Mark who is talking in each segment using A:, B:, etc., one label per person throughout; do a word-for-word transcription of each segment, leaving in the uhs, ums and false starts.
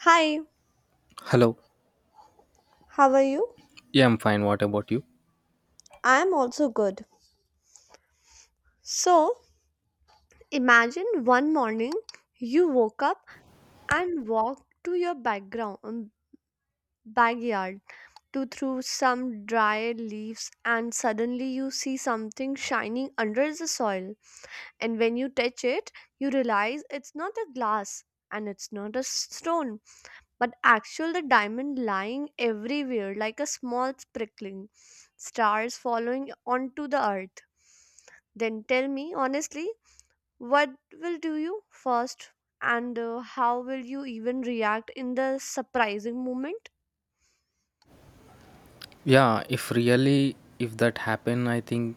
A: Hi,
B: Hello.
A: how are you?
B: Yeah, I'm fine. What about you?
A: I am also good. So, imagine one morning you woke up and walked to your background um, backyard to through some dry leaves, and suddenly you see something shining under the soil. And when you touch it, you realize it's not a glass and it's not a stone, but actual the diamond lying everywhere like a small sprinkling stars following onto the earth. Then tell me honestly, what will do you first, and uh, how will you even react in the surprising moment?
B: Yeah, if really if that happen, I think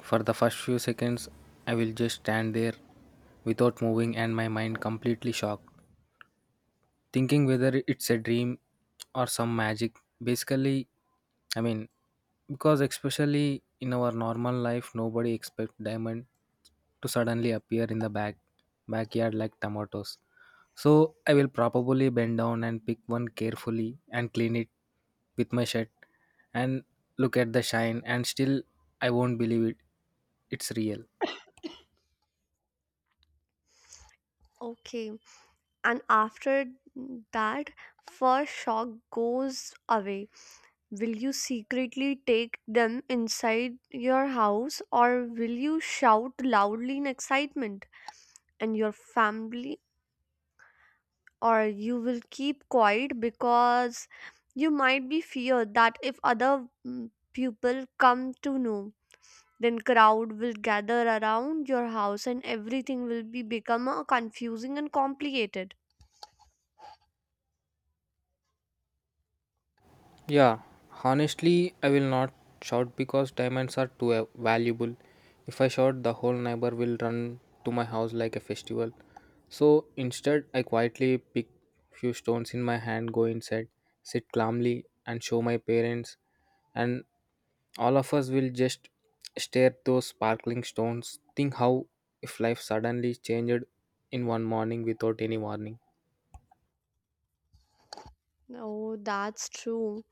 B: for the first few seconds I will just stand there without moving and my mind completely shocked. Thinking whether it's a dream or some magic. Basically, I mean, because especially in our normal life, nobody expect diamond to suddenly appear in the back backyard like tomatoes. So I will probably bend down and pick one carefully and clean it with my shirt and look at the shine and still I won't believe it. It's real.
A: Okay, and after that first shock goes away, will you secretly take them inside your house, or will you shout loudly in excitement and your family, or you will keep quiet because you might be feared that if other mm, people come to know, then crowd will gather around your house and everything will be become uh, confusing and complicated.
B: Yeah, honestly, I will not shout because diamonds are too uh, valuable. If I shout, the whole neighbor will run to my house like a festival. So instead, I quietly pick few stones in my hand, go inside, sit calmly, and show my parents. And all of us will just stare at those sparkling stones. Think how if life suddenly changed in one morning without any warning.
A: Oh, that's true.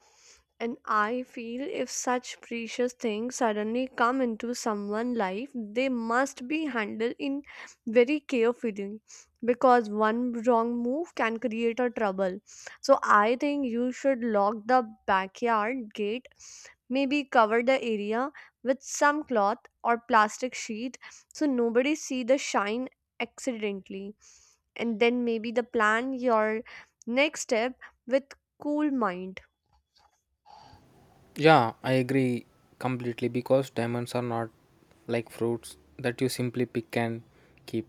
A: And I feel if such precious things suddenly come into someone's life, they must be handled in very carefully because one wrong move can create a trouble. So I think you should lock the backyard gate, maybe cover the area with some cloth or plastic sheet so nobody see the shine accidentally, and then maybe the plan your next step with cool mind.
B: Yeah, I agree completely because diamonds are not like fruits that you simply pick and keep,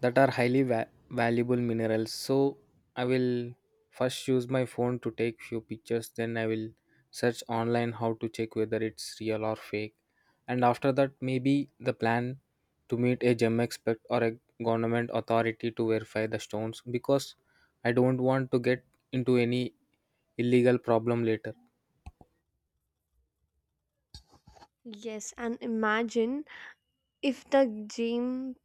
B: that are highly va- valuable minerals. So, I will first use my phone to take few pictures, then I will search online how to check whether it's real or fake. And after that, maybe the plan to meet a gem expert or a government authority to verify the stones because I don't want to get into any illegal problem later.
A: Yes, and imagine if the gym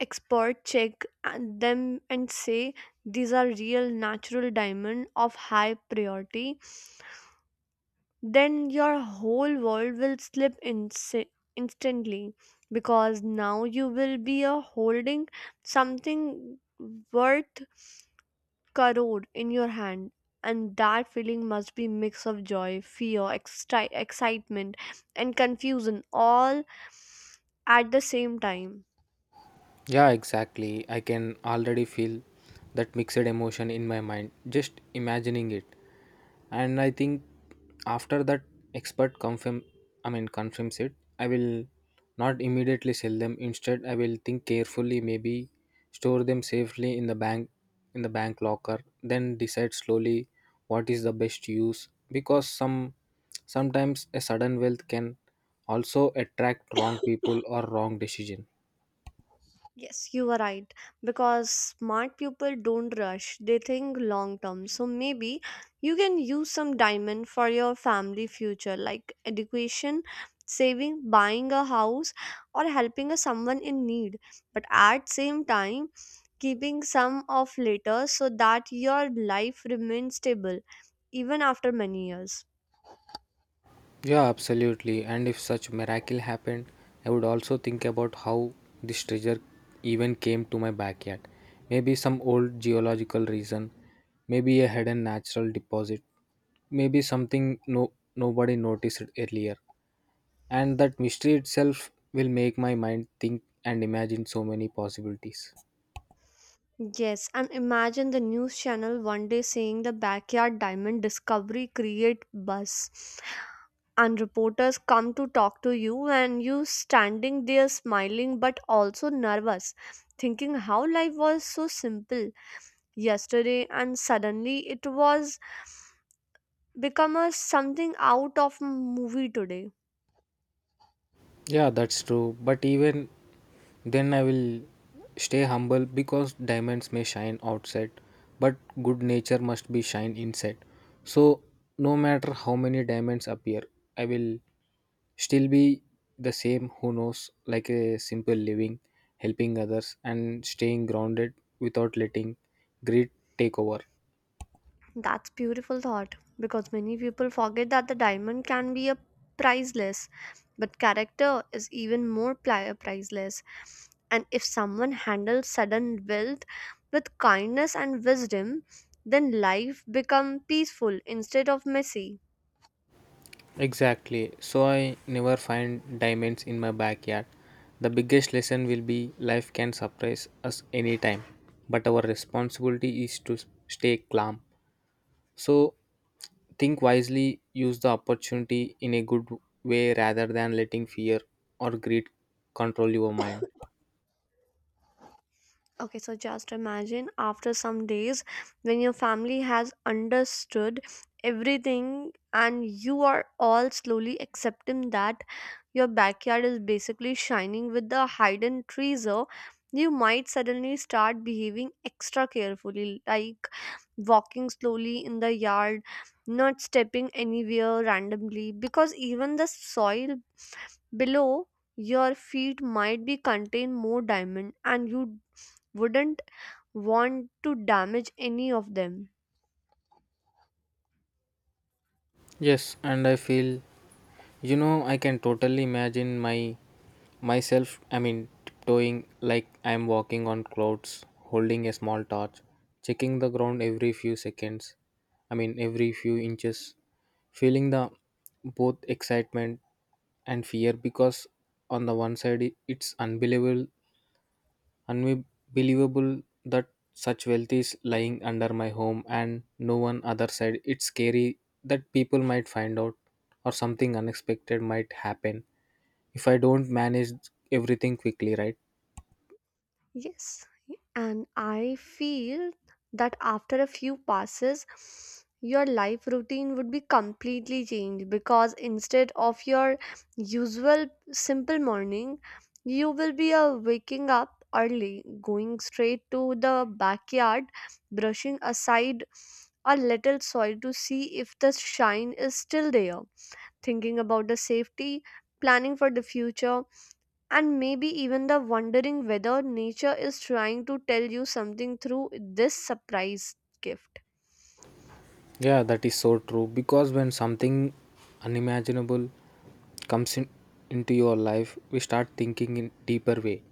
A: expert check and them and say these are real natural diamond of high priority, then your whole world will slip insi- instantly because now you will be a holding something worth crore in your hand, and that feeling must be mix of joy, fear, exci- excitement, and confusion all at the same time.
B: Yeah, exactly. I can already feel that mixed emotion in my mind, just imagining it. And I think after that expert confirm I mean confirms it, I will not immediately sell them. Instead I will think carefully, maybe store them safely in the bank in the bank locker, then decide slowly what is the best use because some sometimes a sudden wealth can also attract wrong people or wrong decision.
A: Yes, you are right. Because smart people don't rush, they think long term. So maybe you can use some diamond for your family future, like education, saving, buying a house, or helping a someone in need. But at same time, keeping some of later so that your life remains stable even after many years.
B: Yeah, absolutely. And if such miracle happened, I would also think about how this treasure even came to my backyard. Maybe some old geological reason, maybe a hidden natural deposit, maybe something no nobody noticed earlier. And that mystery itself will make my mind think and imagine so many possibilities.
A: Yes, and imagine the news channel one day saying the backyard diamond discovery create buzz, and reporters come to talk to you, and you standing there smiling but also nervous, thinking how life was so simple yesterday and suddenly it was become a something out of movie today.
B: Yeah, that's true. But even then, I will stay humble because diamonds may shine outside, but good nature must be shine inside. So, no matter how many diamonds appear, I will still be the same who knows like a simple living, helping others, and staying grounded without letting greed take over.
A: That's beautiful thought because many people forget that the diamond can be a priceless, but character is even more pli- priceless. And if someone handles sudden wealth with kindness and wisdom, then life become peaceful instead of messy.
B: Exactly. So I never find diamonds in my backyard. The biggest lesson will be life can surprise us anytime, but our responsibility is to stay calm. So think wisely, use the opportunity in a good way rather than letting fear or greed control your mind.
A: Okay, so just imagine after some days when your family has understood everything and you are all slowly accepting that your backyard is basically shining with the hidden treasure, you might suddenly start behaving extra carefully, like walking slowly in the yard, not stepping anywhere randomly, because even the soil below your feet might be contain more diamond and you wouldn't want to damage any of them.
B: Yes, and I feel you know I can totally imagine my myself I mean tiptoeing like I'm walking on clouds, holding a small torch, checking the ground every few seconds. I mean every few inches, feeling the both excitement and fear because on the one side i- it's unbelievable unbelievable that such wealth is lying under my home and no one other side. It's scary that people might find out or something unexpected might happen if I don't manage everything quickly, right?
A: Yes, and I feel that after a few passes, your life routine would be completely changed because instead of your usual simple morning, you will be uh, waking up early, going straight to the backyard, brushing aside a little soil to see if the shine is still there, thinking about the safety, planning for the future, and maybe even the wondering whether nature is trying to tell you something through this surprise gift.
B: Yeah, that is so true because when something unimaginable comes in, into your life, we start thinking in deeper way.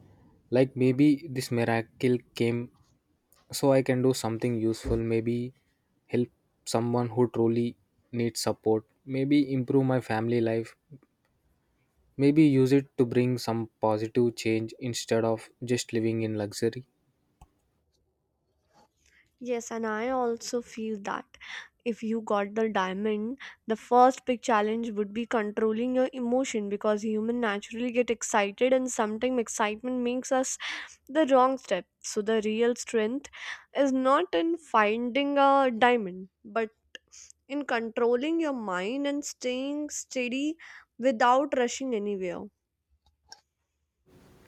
B: Like maybe this miracle came so I can do something useful, maybe help someone who truly needs support, maybe improve my family life, maybe use it to bring some positive change instead of just living in luxury.
A: Yes, and I also feel that if you got the diamond, the first big challenge would be controlling your emotion because human naturally get excited and sometimes excitement makes us the wrong step. So the real strength is not in finding a diamond, but in controlling your mind and staying steady without rushing anywhere.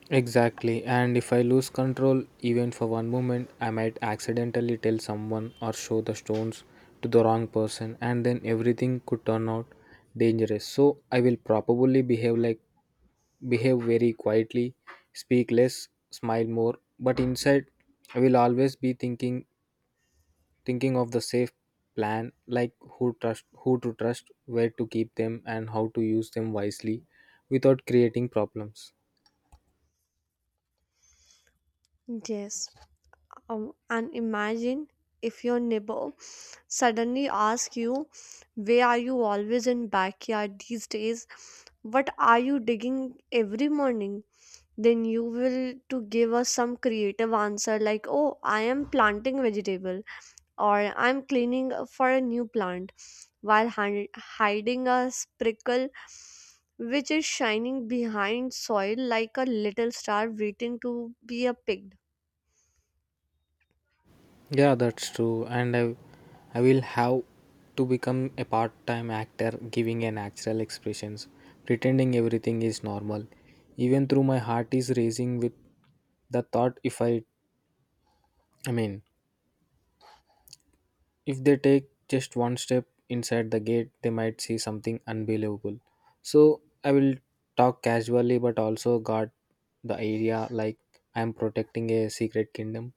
B: Exactly, and if I lose control even for one moment, I might accidentally tell someone or show the stones to the wrong person, and then everything could turn out dangerous. So, I will probably behave like behave very quietly, speak less, smile more, but inside I will always be thinking thinking of the safe plan like who trust who to trust, where to keep them and how to use them wisely without creating problems.
A: Yes. Um, and imagine if your neighbor suddenly asks you, "Where are you always in backyard these days? What are you digging every morning?" Then you will to give us some creative answer like, "Oh, I am planting vegetable," or "I'm cleaning for a new plant," while hi- hiding a sprinkle which is shining behind soil like a little star waiting to be a picked.
B: Yeah, that's true. And I, I will have to become a part-time actor, giving an natural expressions, pretending everything is normal. Even through my heart is racing with the thought if I, I mean, if they take just one step inside the gate they might see something unbelievable. So I will talk casually but also guard the area like I am protecting a secret kingdom.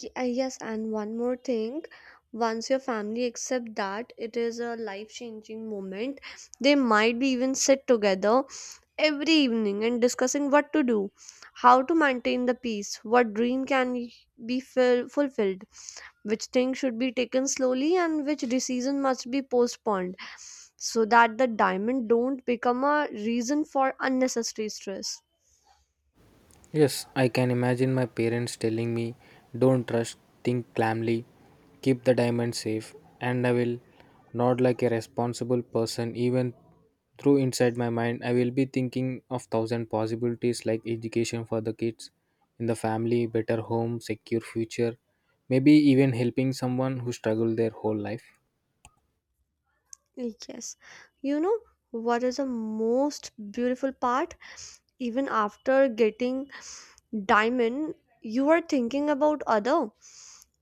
A: Y- uh, Yes, and one more thing, once your family accept that it is a life-changing moment, they might be even sit together every evening and discussing what to do, how to maintain the peace, what dream can y- be fill- fulfilled, which thing should be taken slowly and which decision must be postponed, so that the diamond don't become a reason for unnecessary stress.
B: Yes, I can imagine my parents telling me, don't trust, think calmly, keep the diamond safe, and I will nod like a responsible person. Even through inside my mind, I will be thinking of thousand possibilities like education for the kids, in the family, better home, secure future, maybe even helping someone who struggled their whole life.
A: Yes. You know what is the most beautiful part? Even after getting diamond, you are thinking about other,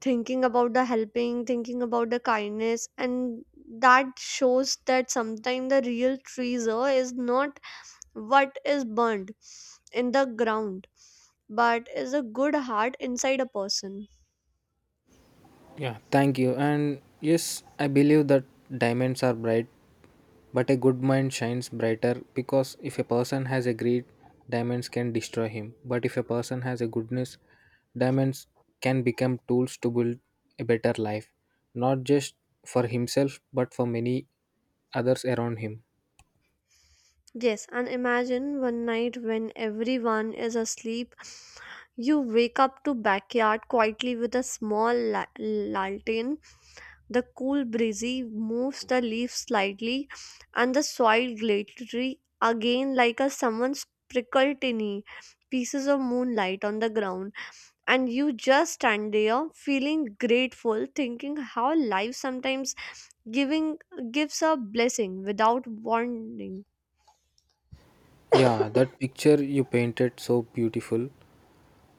A: thinking about the helping, thinking about the kindness, and that shows that sometimes the real treasure is not what is burned in the ground, but is a good heart inside a person.
B: Yeah, thank you. And yes, I believe that diamonds are bright. But a good mind shines brighter because if a person has a greed, diamonds can destroy him. But if a person has a goodness, diamonds can become tools to build a better life, not just for himself but for many others around him.
A: Yes, and imagine one night when everyone is asleep, you wake up to backyard quietly with a small la- lantern. The cool breezy moves the leaves slightly, and the soil glittery again like a someone sprinkled tiny pieces of moonlight on the ground. And you just stand there feeling grateful, thinking how life sometimes giving gives a blessing without warning.
B: Yeah, that picture you painted so beautiful,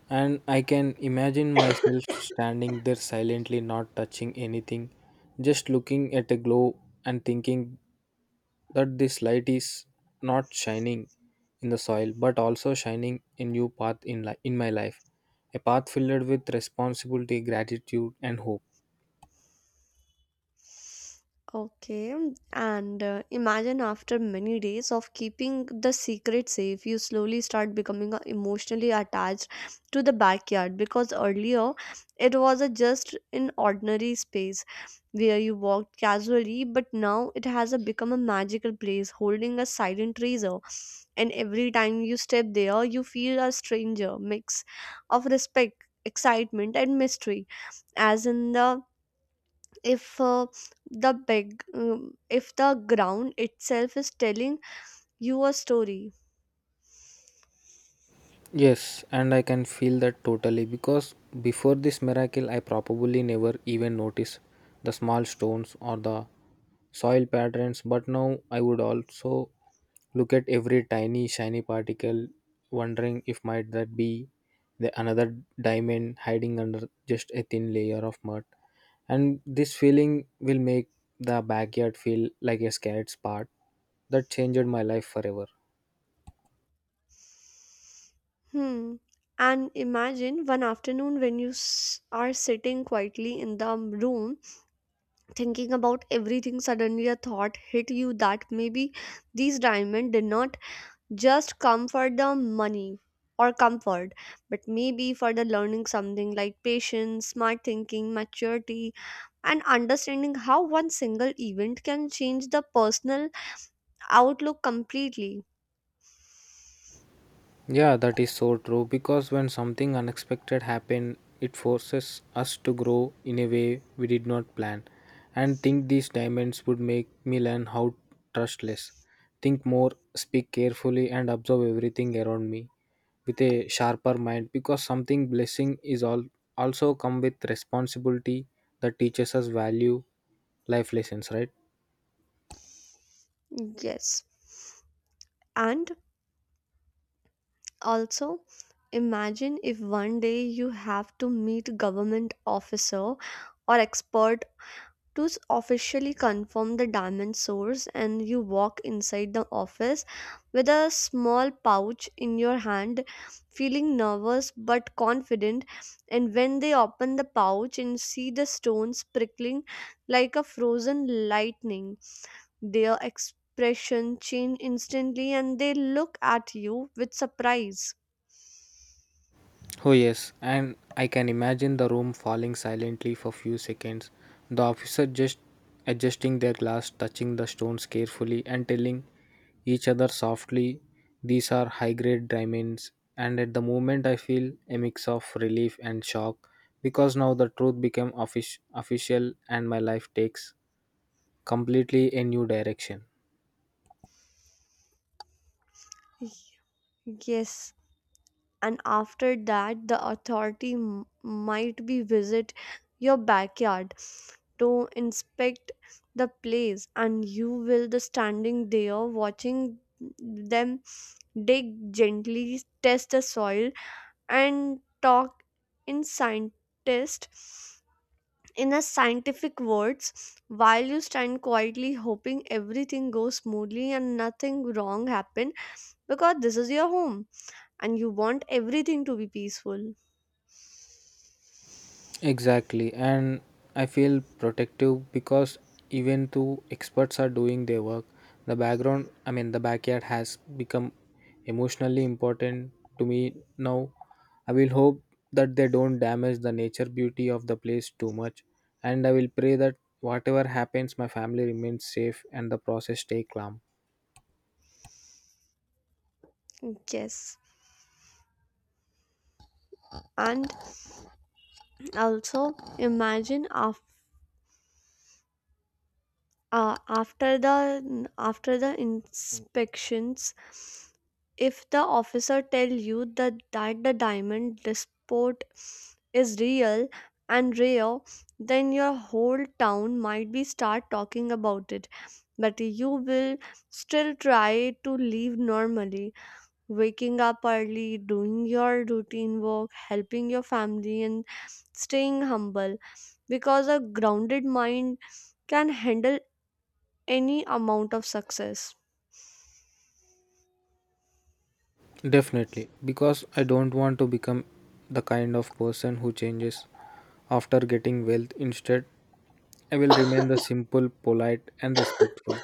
B: and I can imagine myself standing there silently, not touching anything, just looking at a glow and thinking that this light is not shining in the soil but also shining a new path in, li- in my life, a path filled with responsibility gratitude and hope.
A: Okay, and uh, imagine after many days of keeping the secret safe, you slowly start becoming uh, emotionally attached to the backyard because earlier it was a just an ordinary space where you walked casually, but now it has a become a magical place holding a silent treasure. And every time you step there, you feel a stranger mix of respect, excitement, and mystery, as in the if uh, the big um, if the ground itself is telling you a story.
B: Yes, and I can feel that totally because before this miracle, I probably never even noticed the small stones or the soil patterns. But now I would also look at every tiny shiny particle, wondering if might that be the another diamond hiding under just a thin layer of mud. And this feeling will make the backyard feel like a scared spot that changed my life forever.
A: Hmm, and imagine one afternoon when you s- are sitting quietly in the room thinking about everything, suddenly a thought hit you that maybe these diamonds did not just come for the money or comfort, but maybe for the learning something like patience, smart thinking, maturity, and understanding how one single event can change the personal outlook completely.
B: Yeah, that is so true because when something unexpected happen, it forces us to grow in a way we did not plan and think these diamonds would make me learn how trust less, think more, speak carefully and observe everything around me with a sharper mind because something blessing is all also come with responsibility that teaches us value life lessons, right?
A: Yes. And also, imagine if one day you have to meet government officer or expert to s- officially confirm the diamond source, and you walk inside the office with a small pouch in your hand, feeling nervous but confident, and when they open the pouch and see the stones prickling like a frozen lightning, their expression change instantly and they look at you with surprise.
B: Oh, yes, and I can imagine the room falling silently for few seconds. The officer just adjusting their glass, touching the stones carefully, and telling each other softly, these are high grade diamonds. And at the moment, I feel a mix of relief and shock because now the truth became offic- official and my life takes completely a new direction.
A: Yes, and after that, the authority m- might be visit your backyard to inspect the place, and you will the standing there watching them dig gently, test the soil, and talk in scientist in a scientific words, while you stand quietly hoping everything goes smoothly and nothing wrong happen because this is your home and you want everything to be peaceful.
B: Exactly, and I feel protective because even though experts are doing their work, the background, I mean, the backyard has become emotionally important to me now. I will hope that they don't damage the nature beauty of the place too much, and I will pray that whatever happens, my family remains safe and the process stay calm.
A: Yes. And also imagine after uh, after the after the inspections, if the officer tell you that, that the diamond despot is real and rare, then your whole town might be start talking about it, but you will still try to live normally, waking up early, doing your routine work, helping your family, and staying humble because a grounded mind can handle any amount of success.
B: Definitely, because I don't want to become the kind of person who changes after getting wealth. Instead, I will remain the simple, polite, and respectful.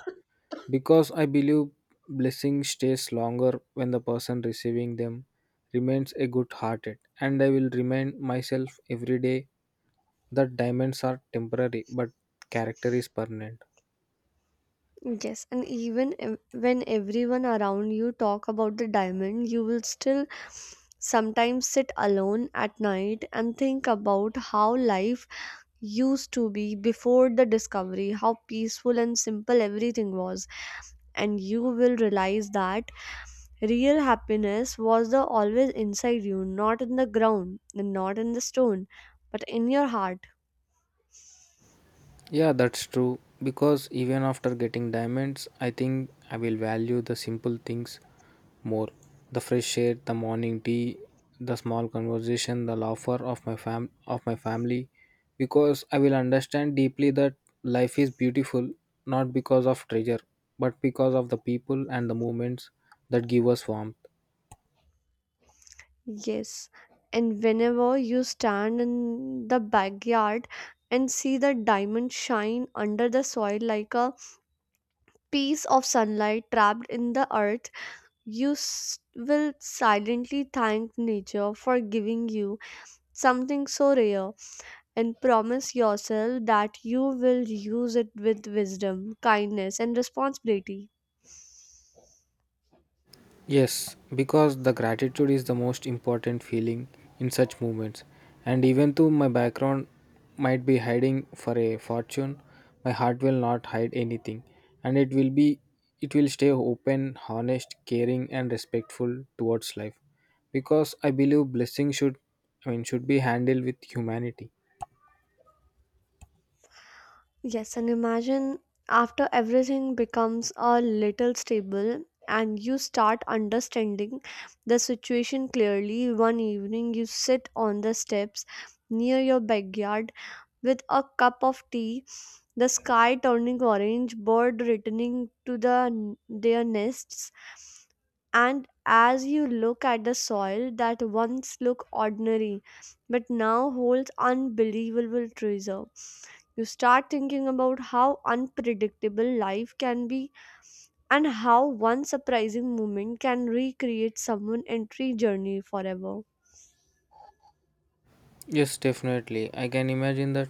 B: Because I believe blessing stays longer when the person receiving them remains a good hearted. And I will remind myself every day that diamonds are temporary, but character is permanent.
A: Yes, and even ev- when everyone around you talk about the diamond, you will still sometimes sit alone at night and think about how life used to be before the discovery, how peaceful and simple everything was. And you will realize that real happiness was the always inside you, not in the ground, and not in the stone, but in your heart.
B: Yeah, that's true. Because even after getting diamonds, I think I will value the simple things more. The fresh air, the morning tea, the small conversation, the laughter of my fam of my family. Because I will understand deeply that life is beautiful not because of treasure, but because of the people and the moments that give us warmth.
A: Yes, and whenever you stand in the backyard and see the diamond shine under the soil like a piece of sunlight trapped in the earth, you s- will silently thank nature for giving you something so rare and promise yourself that you will use it with wisdom, kindness, and responsibility.
B: Yes, because the gratitude is the most important feeling in such moments. And even though my background might be hiding for a fortune, my heart will not hide anything. And it will be it will stay open, honest, caring and respectful towards life. Because I believe blessing should I mean should be handled with humanity.
A: Yes, and imagine after everything becomes a little stable and you start understanding the situation clearly. One evening, you sit on the steps near your backyard with a cup of tea, the sky turning orange, bird returning to the, their nests, and as you look at the soil that once looked ordinary but now holds unbelievable treasure, you start thinking about how unpredictable life can be and how one surprising moment can recreate someone entry journey forever.
B: Yes, definitely. I can imagine that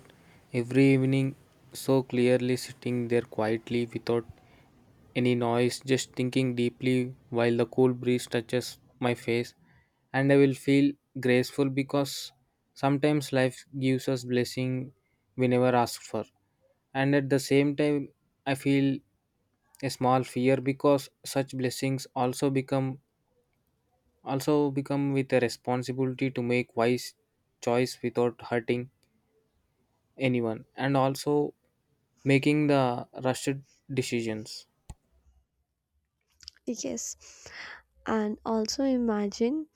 B: every evening so clearly sitting there quietly without any noise, just thinking deeply while the cool breeze touches my face, and I will feel grateful because sometimes life gives us blessing we never ask for. And at the same time I feel a small fear because such blessings also become also become with a responsibility to make wise choice without hurting anyone and also making the rushed decisions.
A: Yes, and also imagine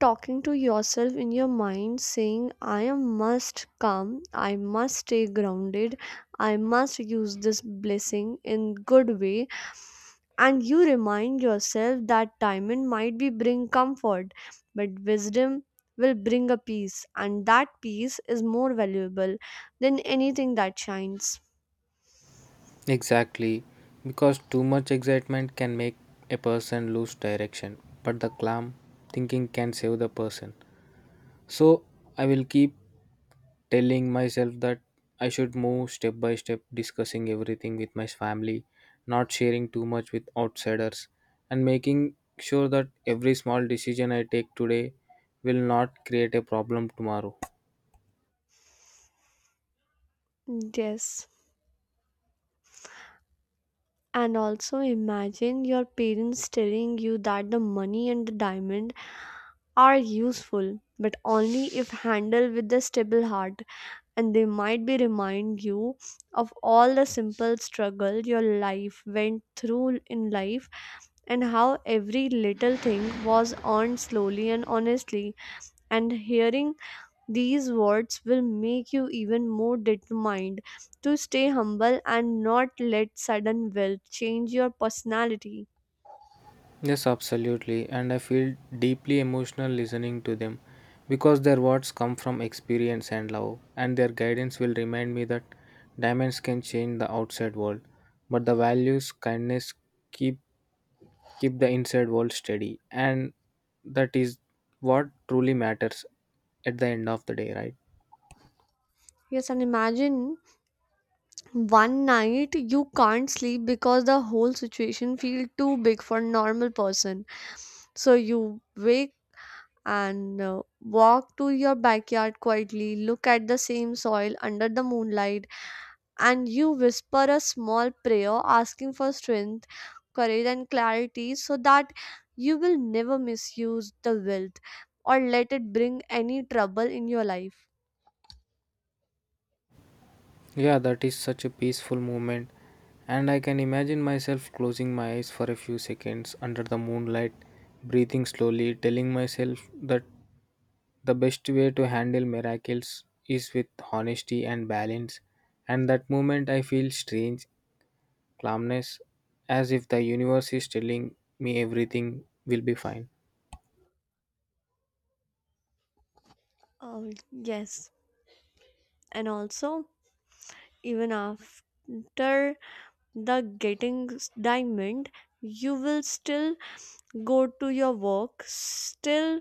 A: talking to yourself in your mind saying, "I am must come, I must stay grounded, I must use this blessing in good way." And you remind yourself that diamond might be bring comfort, but wisdom will bring a peace, and that peace is more valuable than anything that shines.
B: Exactly because too much excitement can make a person lose direction, but the calm thinking can save the person. So I will keep telling myself that I should move step by step, discussing everything with my family, not sharing too much with outsiders, and making sure that every small decision I take today will not create a problem tomorrow.
A: Yes. And also imagine your parents telling you that the money and the diamond are useful, but only if handled with a stable heart, and they might be remind you of all the simple struggle your life went through in life and how every little thing was earned slowly and honestly. And hearing these words will make you even more determined to stay humble and not let sudden wealth change your personality.
B: Yes, absolutely. And I feel deeply emotional listening to them because their words come from experience and love, and their guidance will remind me that diamonds can change the outside world, but the values, kindness keep keep the inside world steady, and that is what truly matters at the end of the day, right?
A: Yes, and imagine one night you can't sleep because the whole situation feel too big for normal person. So you wake and uh, walk to your backyard quietly, look at the same soil under the moonlight, and you whisper a small prayer asking for strength, courage, and clarity so that you will never misuse the wealth or let it bring any trouble in your life.
B: Yeah, that is such a peaceful moment. And I can imagine myself closing my eyes for a few seconds under the moonlight, breathing slowly, telling myself that the best way to handle miracles is with honesty and balance. And that moment I feel strange calmness, as if the universe is telling me everything will be fine.
A: Oh, yes. And also, even after the getting s- diamond, you will still go to your work, still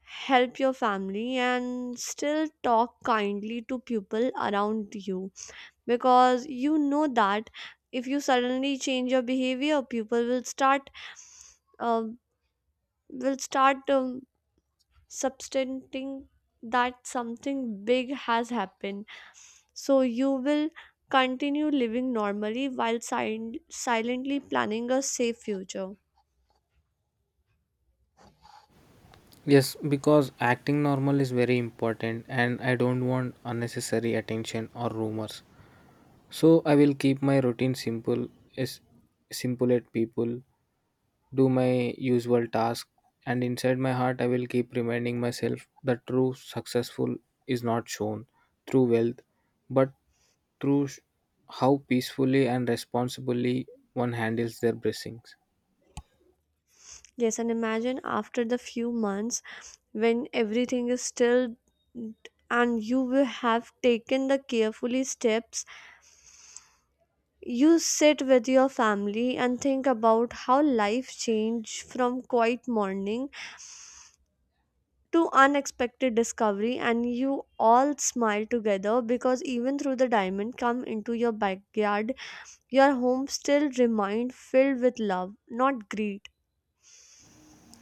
A: help your family, and still talk kindly to people around you because you know that if you suddenly change your behavior, people will start um will start um, substanting that something big has happened. So you will continue living normally while sil- silently planning a safe future.
B: Yes, because acting normal is very important, and I don't want unnecessary attention or rumors. So I will keep my routine simple, is simple at people, do my usual task, and inside my heart I will keep reminding myself that true successful is not shown through wealth, but through sh- how peacefully and responsibly one handles their blessings.
A: Yes, and imagine after the few months when everything is still and you will have taken the carefully steps, you sit with your family and think about how life changed from quiet morning to unexpected discovery, and you all smile together because even through the diamond come into your backyard, your home still remained filled with love, not greed.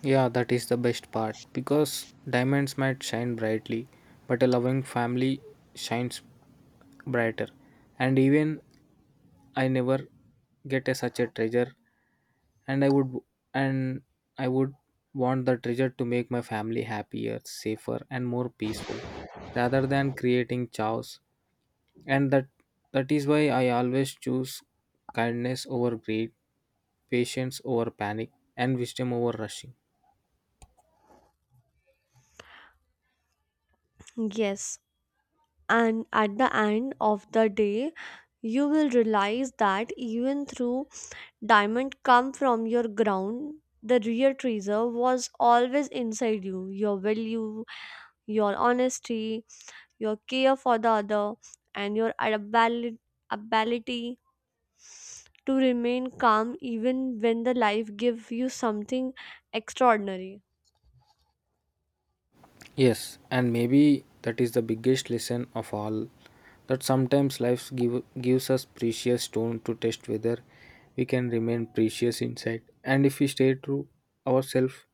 B: Yeah, that is the best part because diamonds might shine brightly, but a loving family shines brighter, and even I never get a such a treasure, and i would and I would want the treasure to make my family happier safer and more peaceful rather than creating chaos. And that that is why I always choose kindness over greed, patience over panic, and wisdom over rushing.
A: Yes, and at the end of the day, you will realize that even through diamond come from your ground, the real treasure was always inside you, your value, your honesty, your care for the other, and your abali- ability to remain calm even when the life gives you something extraordinary.
B: Yes, and maybe that is the biggest lesson of all that sometimes life give, gives us precious stone to test whether we can remain precious inside. And if we stay true ourselves,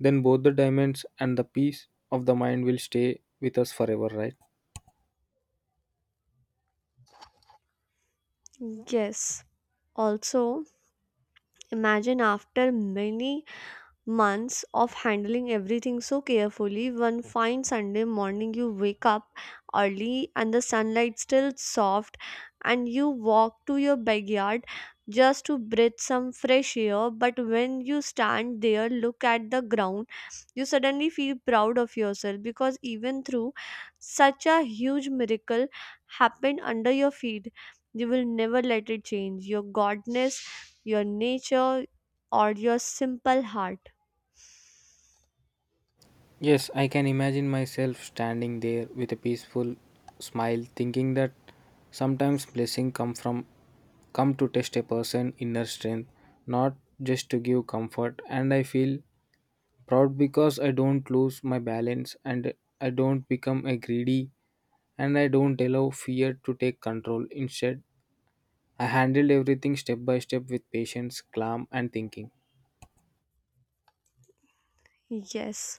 B: then both the diamonds and the peace of the mind will stay with us forever, right?
A: Yes, also imagine after many months of handling everything so carefully. One fine Sunday morning, you wake up early and the sunlight still soft, and you walk to your backyard just to breathe some fresh air. But when you stand there, look at the ground, you suddenly feel proud of yourself because even through such a huge miracle happened under your feet, you will never let it change your godness, your nature, or your simple heart.
B: Yes, I can imagine myself standing there with a peaceful smile, thinking that sometimes blessing come from come to test a person inner strength, not just to give comfort. And I feel proud because I don't lose my balance and I don't become a greedy and I don't allow fear to take control. Instead, I handled everything step by step with patience, calm and thinking.
A: Yes.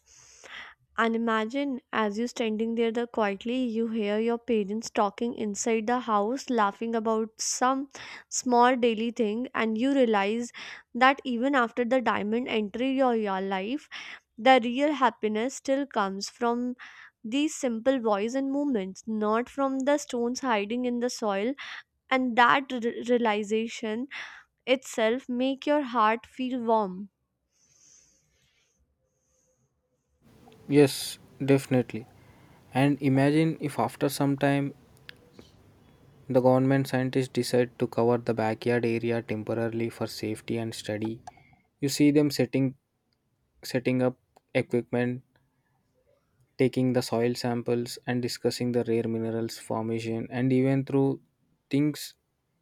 A: And imagine as you standing there the quietly, you hear your parents talking inside the house laughing about some small daily thing, and you realize that even after the diamond entry your your life, the real happiness still comes from these simple voice and movements, not from the stones hiding in the soil, and that r- realization itself make your heart feel warm.
B: Yes, definitely. And imagine if after some time the government scientists decide to cover the backyard area temporarily for safety and study. You see them setting setting up equipment, taking the soil samples and discussing the rare minerals formation and even through things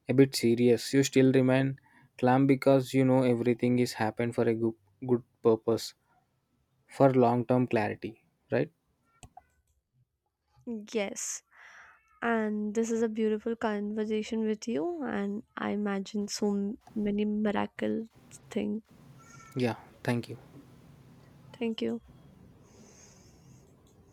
B: a bit serious. You still remain calm because you know everything is happened for a good, good purpose for long term clarity, right?
A: Yes. And this is a beautiful conversation with you, and I imagine so m- many miracle thing.
B: Yeah, thank you.
A: Thank you.